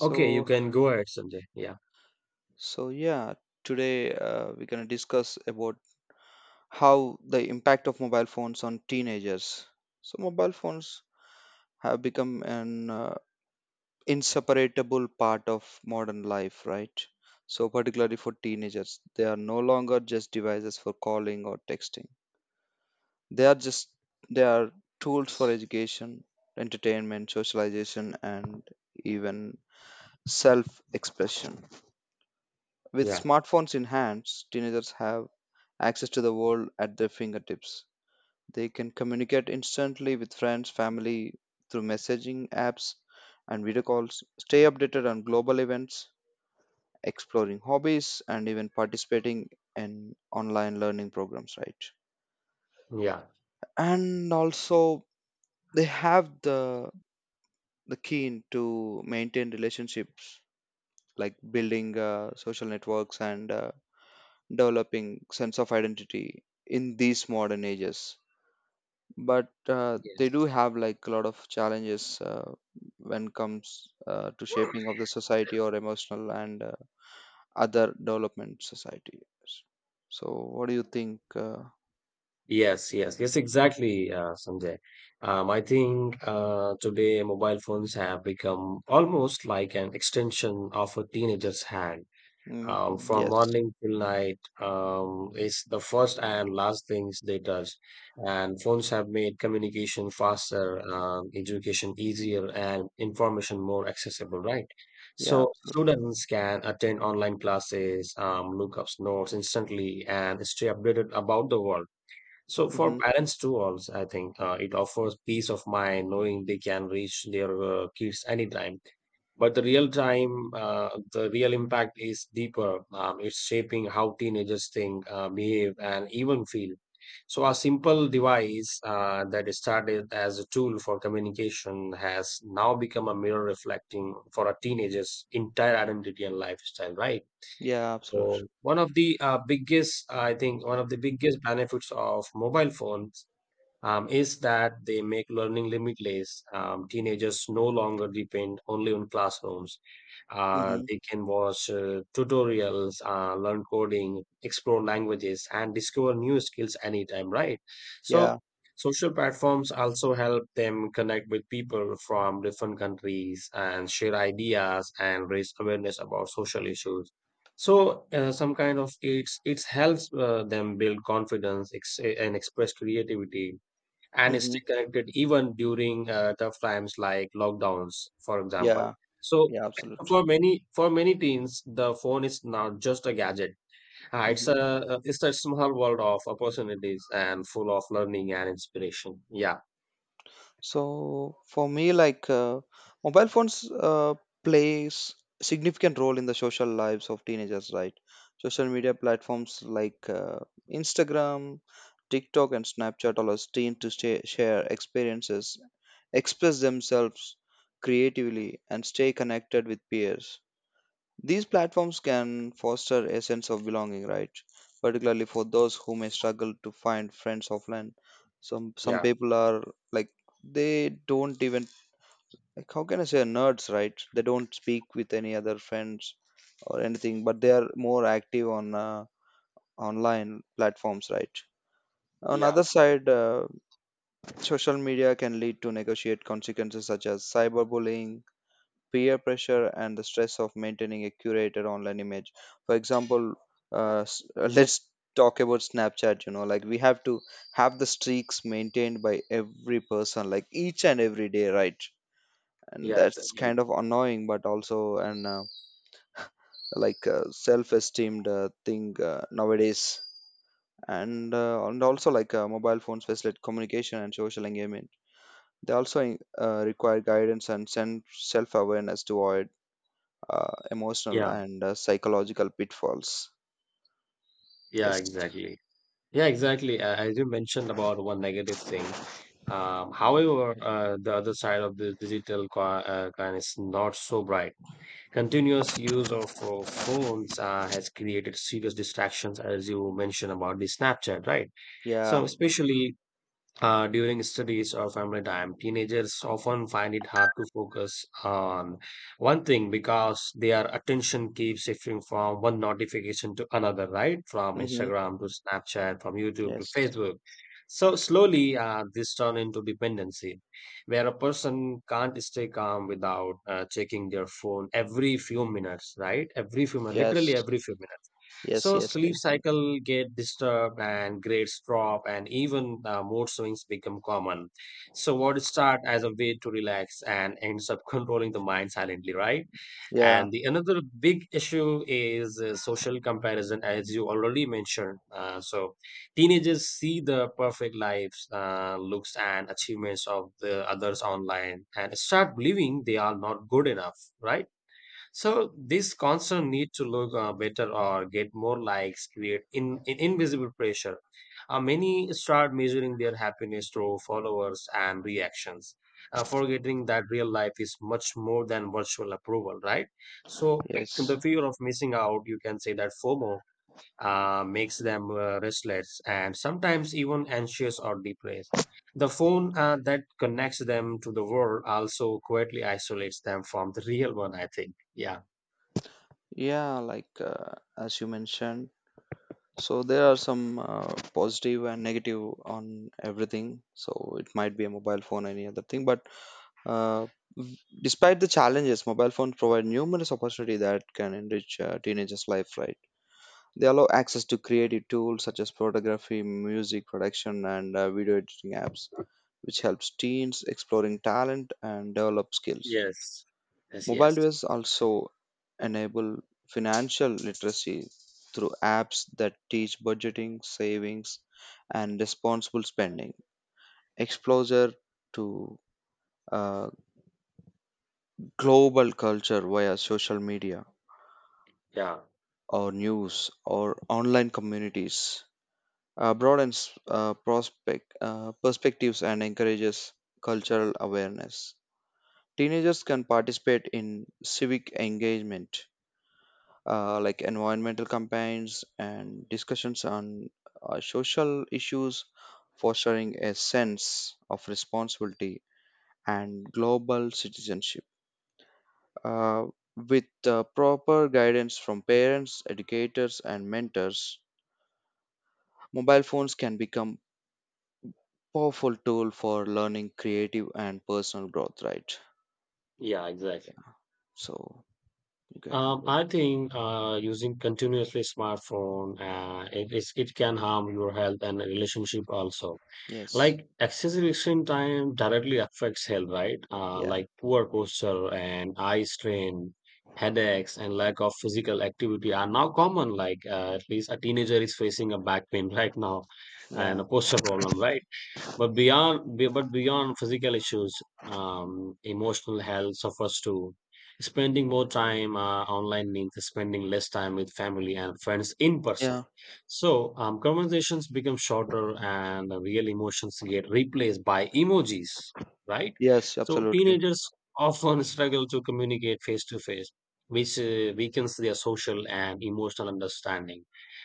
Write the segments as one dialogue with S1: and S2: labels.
S1: Okay, you can go ahead, Sanjay. Yeah.
S2: so, today we're gonna discuss about how the impact of mobile phones on teenagers. So, mobile phones have become an inseparable part of modern life, right? So, particularly for teenagers, they are no longer just devices for calling or texting. They are just they are tools for education, entertainment, socialization, and even self-expression. With
S1: Yeah,
S2: smartphones in hands, teenagers have access to the world at their fingertips. They can communicate instantly with friends, family through messaging apps and video calls, stay updated on global events, exploring hobbies, and even participating in online learning programs, right?
S1: yeah,
S2: And also, they have the keen to maintain relationships like building social networks and developing sense of identity in these modern ages but they do
S1: yes,
S2: have like a lot of challenges when comes to shaping of the society or emotional and other development societies so what do you think
S1: yes, yes, yes, exactly, Sanjay. I think today mobile phones have become almost like an extension of a teenager's hand.
S2: mm,
S1: From
S2: yes,
S1: morning till night. It's the first and last things they touch. And phones have made communication faster, education easier, and information more accessible, right? So
S2: yeah, absolute.
S1: students can attend online classes, look up notes instantly, and stay updated about the world. So for
S2: Hmm.
S1: parents too, also I think it offers peace of mind knowing they can reach their kids anytime, but the real time, the real impact is deeper. It's shaping how teenagers think, behave, and even feel. So, a simple device that started as a tool for communication has now become a mirror reflecting for a teenager's entire identity and lifestyle, right?
S2: Yeah, absolute.
S1: So, one of the biggest, I think, one of the biggest benefits of mobile phones is that they make learning limitless. Teenagers no longer depend only on classrooms.
S2: Hmm.
S1: They can watch tutorials, learn coding, explore languages, and discover new skills anytime, right?
S2: Yeah.
S1: So, social platforms also help them connect with people from different countries and share ideas and raise awareness about social issues. So, some kind of it's helps them build confidence and express creativity and
S2: Hmm.
S1: stay connected even during tough times like lockdowns, for example.
S2: Yeah,
S1: So
S2: yeah, absolute.
S1: for many teens, the phone is not just a gadget. Uh, it's a
S2: Hmm.
S1: uh, it's a small world of opportunities and full of learning and inspiration. Yeah,
S2: So for me, mobile phones plays significant role in the social lives of teenagers, right? Social media platforms like Instagram, TikTok, and Snapchat allow teens to stay, share experiences, express themselves creatively, and stay connected with peers. These platforms can foster a sense of belonging, right? Particularly for those who may struggle to find friends offline. Some
S1: yeah,
S2: people are like they don't even like how can I say nerds, right? They don't speak with any other friends or anything, but they are more active on online platforms, right? On
S1: yeah,
S2: other side, social media can lead to negotiate consequences such as cyberbullying, peer pressure and the stress of maintaining a curated online image for example let's talk about Snapchat, you know, like we have to have the streaks maintained by every person like each and every day, right? And
S1: yeah,
S2: that's kind
S1: exactly.
S2: of annoying but also an self-esteemed thing nowadays and and also mobile phones facilitate communication and social engagement, they also require guidance and self-awareness to avoid emotional
S1: Yeah,
S2: and psychological pitfalls.
S1: yeah,
S2: Yes.
S1: exactly. Yeah, exactly. As you mentioned about one negative thing. However, the other side of the digital coin, coin is not so bright. Continuous use of phones has created serious distractions, as you mentioned about the Snapchat, right? So,
S2: Yeah.
S1: especially during studies or family time, teenagers often find it hard to focus on one thing because their attention keeps shifting from one notification to another, right? From
S2: Mm-hmm.
S1: Instagram to Snapchat, from YouTube to
S2: Yes.
S1: Facebook. So slowly, this turns into dependency, where a person can't stay calm without checking their phone every few minutes, right? Every few minutes,
S2: Yes.
S1: literally every few minutes.
S2: Yes.
S1: So
S2: Yes, I
S1: sleep
S2: can.
S1: cycle get disturbed and grades drop and even mood swings become common. So what start as a way to relax and ends up controlling the mind silently, right?
S2: Yeah.
S1: And the another big issue is social comparison, as you already mentioned. So teenagers see the perfect lives, looks, and achievements of the others online and start believing they are not good enough, right? So this constant need to look better or get more likes create in invisible pressure. Many start measuring their happiness through followers and reactions, forgetting that real life is much more than virtual approval, right? So
S2: Yes.
S1: the fear of missing out, you can say that FOMO makes them restless and sometimes even anxious or depressed. The phone that connects them to the world also quietly isolates them from the real one, I think. Yeah.
S2: Yeah. Like as you mentioned, so there are some positive and negative on everything. So it might be a mobile phone, any other thing, but uh, v- despite the challenges, mobile phones provide numerous opportunity that can enrich teenagers' life, right? They allow access to creative tools such as photography, music production, and video editing apps, which helps teens exploring talent and develop skills.
S1: Yes. Yes,
S2: Mobile
S1: yes.
S2: devices also enable financial literacy through apps that teach budgeting, savings, and responsible spending. Exposure to uh, global culture via social media
S1: Yeah.
S2: or news or online communities broadens perspectives and encourages cultural awareness. Teenagers can participate in civic engagement, like environmental campaigns and discussions on social issues, fostering a sense of responsibility and global citizenship. Uh, with proper guidance from parents, educators, and mentors, mobile phones can become powerful tool for learning creative and personal growth, right?
S1: Yeah, exactly.
S2: Yeah, so you can go ahead.
S1: I think using continuously smartphone, it can harm your health and relationship also.
S2: Yes.
S1: Like excessive screen time directly affects health, right?
S2: Yeah.
S1: Like poor posture and eye strain, headaches, and lack of physical activity are now common. Like at least a teenager is facing a back pain right now and
S2: Yeah.
S1: a posture problem, right? But beyond physical issues, emotional health suffers too. Spending more time online means spending less time with family and friends in person.
S2: Yeah.
S1: So conversations become shorter, and the real emotions get replaced by emojis, right?
S2: Yes,
S1: So
S2: absolutely.
S1: teenagers often struggle to communicate face to face, which weakens their social and emotional understanding,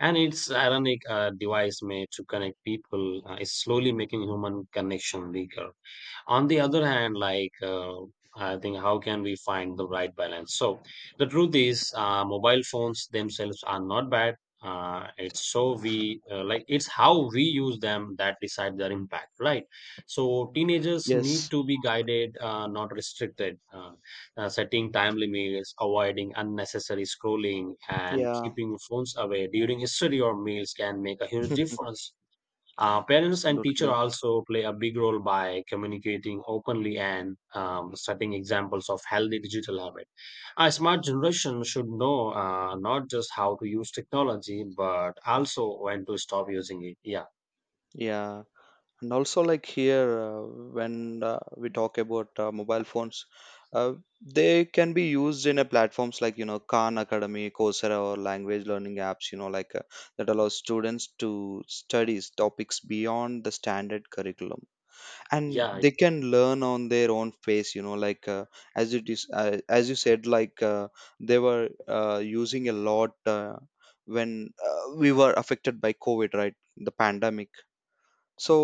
S1: and its ironic device made to connect people is slowly making human connection weaker. On the other hand, like I think how can we find the right balance? So the truth is mobile phones themselves are not bad. It's how we use them that decide their impact, right? So teenagers need
S2: Yes.
S1: to be guided, not restricted. Setting time limits, avoiding unnecessary scrolling, and
S2: Yeah,
S1: keeping phones away during study or meals can make a huge difference. Uh, parents and teacher
S2: absolutely.
S1: also play a big role by communicating openly and setting examples of healthy digital habit. A smart generation should know not just how to use technology, but also when to stop using it. Yeah,
S2: Yeah, and also like here, when we talk about mobile phones, uh, they can be used in a platforms like, you know, Khan Academy, Coursera, or language learning apps, you know, that allow students to study topics beyond the standard curriculum and
S1: yeah,
S2: they can learn on their own pace, you know, as it is, as you said, they were using a lot when we were affected by COVID, right? The pandemic. So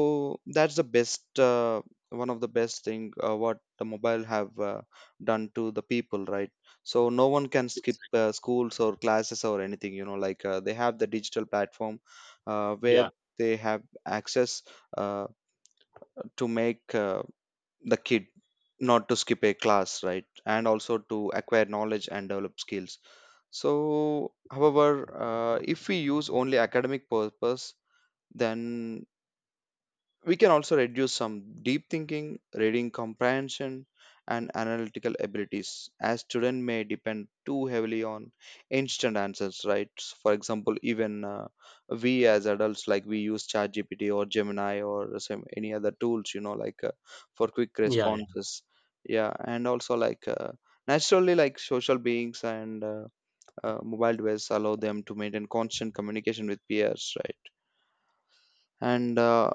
S2: that's the best, uh, one of the best thing what the mobile have done to the people, right? So no one can
S1: yes,
S2: skip
S1: exact-
S2: schools or classes or anything, you know, they have the digital platform where
S1: yeah,
S2: they have access uh, to make the kid not to skip a class, right? And also to acquire knowledge and develop skills. So however, if we use only academic purpose, then we can also reduce some deep thinking, reading comprehension, and analytical abilities, as students may depend too heavily on instant answers, right? For example, even we as adults, like we use ChatGPT or Gemini or some, any other tools, you know, for quick
S1: yeah,
S2: responses. Yeah, and also naturally, like social beings and mobile devices allow them to maintain constant communication with peers, right? And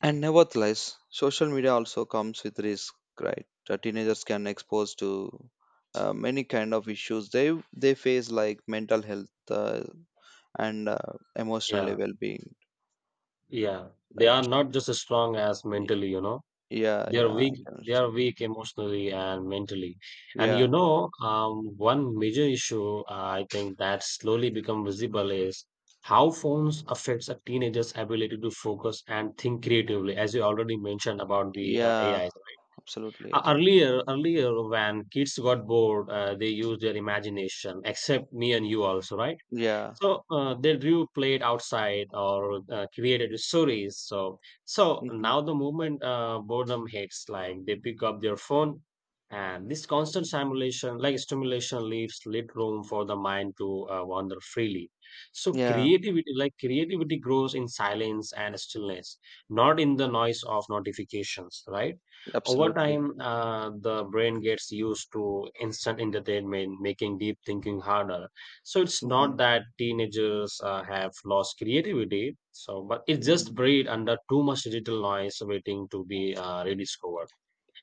S2: and nevertheless, social media also comes with risk, right? The teenagers can expose to many kind of issues they face like mental health and emotionally
S1: yeah,
S2: well-being,
S1: yeah. They are
S2: right?
S1: not just as strong as
S2: Y-
S1: mentally, you know.
S2: Yeah,
S1: They are
S2: yeah,
S1: weak.
S2: I can
S1: They are
S2: understand.
S1: weak emotionally and mentally. And
S2: Yeah,
S1: you know, one major issue I think that slowly become visible is how phones affects a teenager's ability to focus and think creatively, as you already mentioned about the AI.
S2: yeah,
S1: Right?
S2: absolutely, I can.
S1: Earlier when kids got bored, they used their imagination. Except me and you also, right?
S2: Yeah.
S1: So they do played outside or created stories. So
S2: Hmm.
S1: now the moment boredom hits, like they pick up their phone, and this constant stimulation, like stimulation, leaves little room for the mind to wander freely. So
S2: Yeah,
S1: creativity, like creativity, grows in silence and stillness, not in the noise of notifications. Right? Over
S2: absolutely.
S1: time, the brain gets used to instant entertainment, making deep thinking harder. So it's
S2: Hmm.
S1: not that teenagers have lost creativity, so but it's just
S2: Hmm.
S1: buried under too much digital noise waiting to be rediscovered.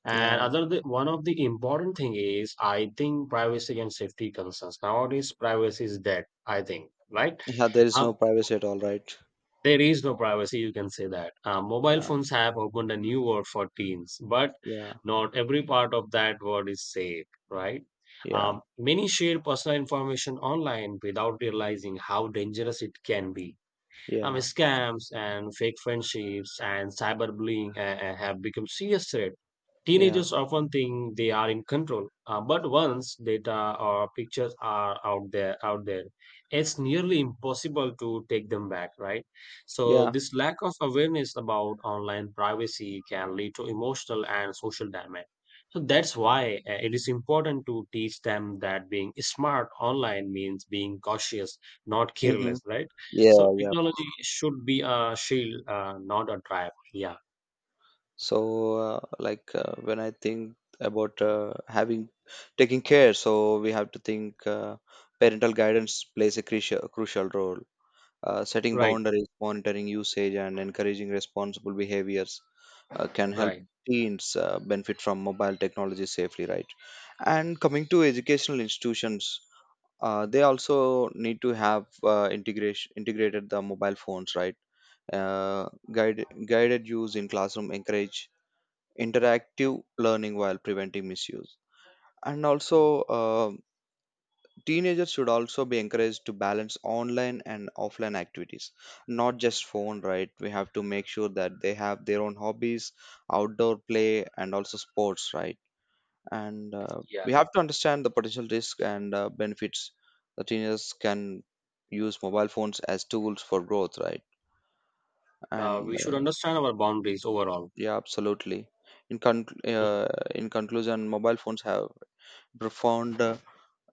S1: And
S2: Yeah,
S1: one of the important thing is I think privacy and safety concerns. Nowadays privacy is dead, I think, right?
S2: yeah, there is
S1: Uh,
S2: no privacy at all, right?
S1: there is no privacy, you can say that. Mobile
S2: Yeah,
S1: phones have opened a new world for teens, but
S2: yeah,
S1: not every part of that world is safe, right?
S2: yeah,
S1: Many share personal information online without realizing how dangerous it can be. I mean,
S2: yeah,
S1: scams and fake friendships and cyberbullying have become serious threat.
S2: yeah,
S1: Teenagers often think they are in control, but once data or pictures are out there, it's nearly impossible to take them back, right? So
S2: yeah.
S1: this lack of awareness about online privacy can lead to emotional and social damage. So that's why it is important to teach them that being smart online means being cautious, not
S2: Hmm.
S1: careless, right?
S2: Yeah,
S1: So
S2: yeah,
S1: technology should be a shield, not a trap. Yeah.
S2: so when I think about having taking care, so we have to think, parental guidance plays a crucial role, setting
S1: Right.
S2: boundaries, monitoring usage, and encouraging responsible behaviors can help
S1: Right.
S2: teens benefit from mobile technology safely, right? And coming to educational institutions, they also need to have integration integrated the mobile phones, right? Guided use in classroom encourage interactive learning while preventing misuse. And also, teenagers should also be encouraged to balance online and offline activities, not just phone, right? We have to make sure that they have their own hobbies, outdoor play, and also sports, right? And we
S1: Yeah.
S2: have to understand the potential risk and benefits that teenagers can use mobile phones as tools for growth, right? And
S1: We should understand our boundaries overall.
S2: yeah, absolutely. In con-
S1: Yeah.
S2: uh, in conclusion, mobile phones have profound uh,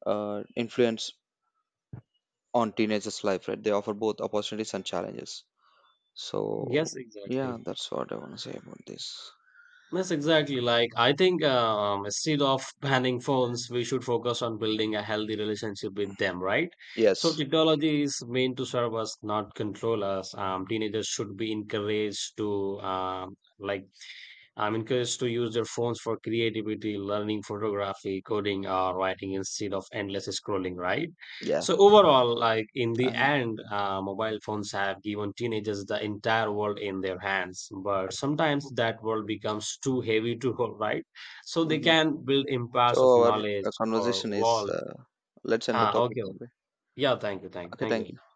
S2: uh, influence on teenagers' life, right? They offer both opportunities and challenges. So,
S1: Yes,
S2: yeah,
S1: exactly.
S2: that's what I want to say about this.
S1: Yes, exactly. Like I think instead of banning phones, we should focus on building a healthy relationship with them, right? So
S2: Yes,
S1: technology is meant to serve us, not control us. Teenagers should be encouraged to I'm encouraged to use their phones for creativity, learning photography, coding, or writing instead of endless scrolling, right?
S2: yeah,
S1: So, overall, like in the
S2: and
S1: end, mobile phones have given teenagers the entire world in their hands, but sometimes that world becomes too heavy to hold, right? So, they
S2: mhm.
S1: can build
S2: So
S1: empires of
S2: our
S1: knowledge or
S2: conversation is,
S1: walls.
S2: let's end the
S1: Ah,
S2: topic
S1: okay.
S2: maybe.
S1: Yeah, thank you, thank you,
S2: Okay,
S1: thank
S2: thank
S1: you.
S2: you.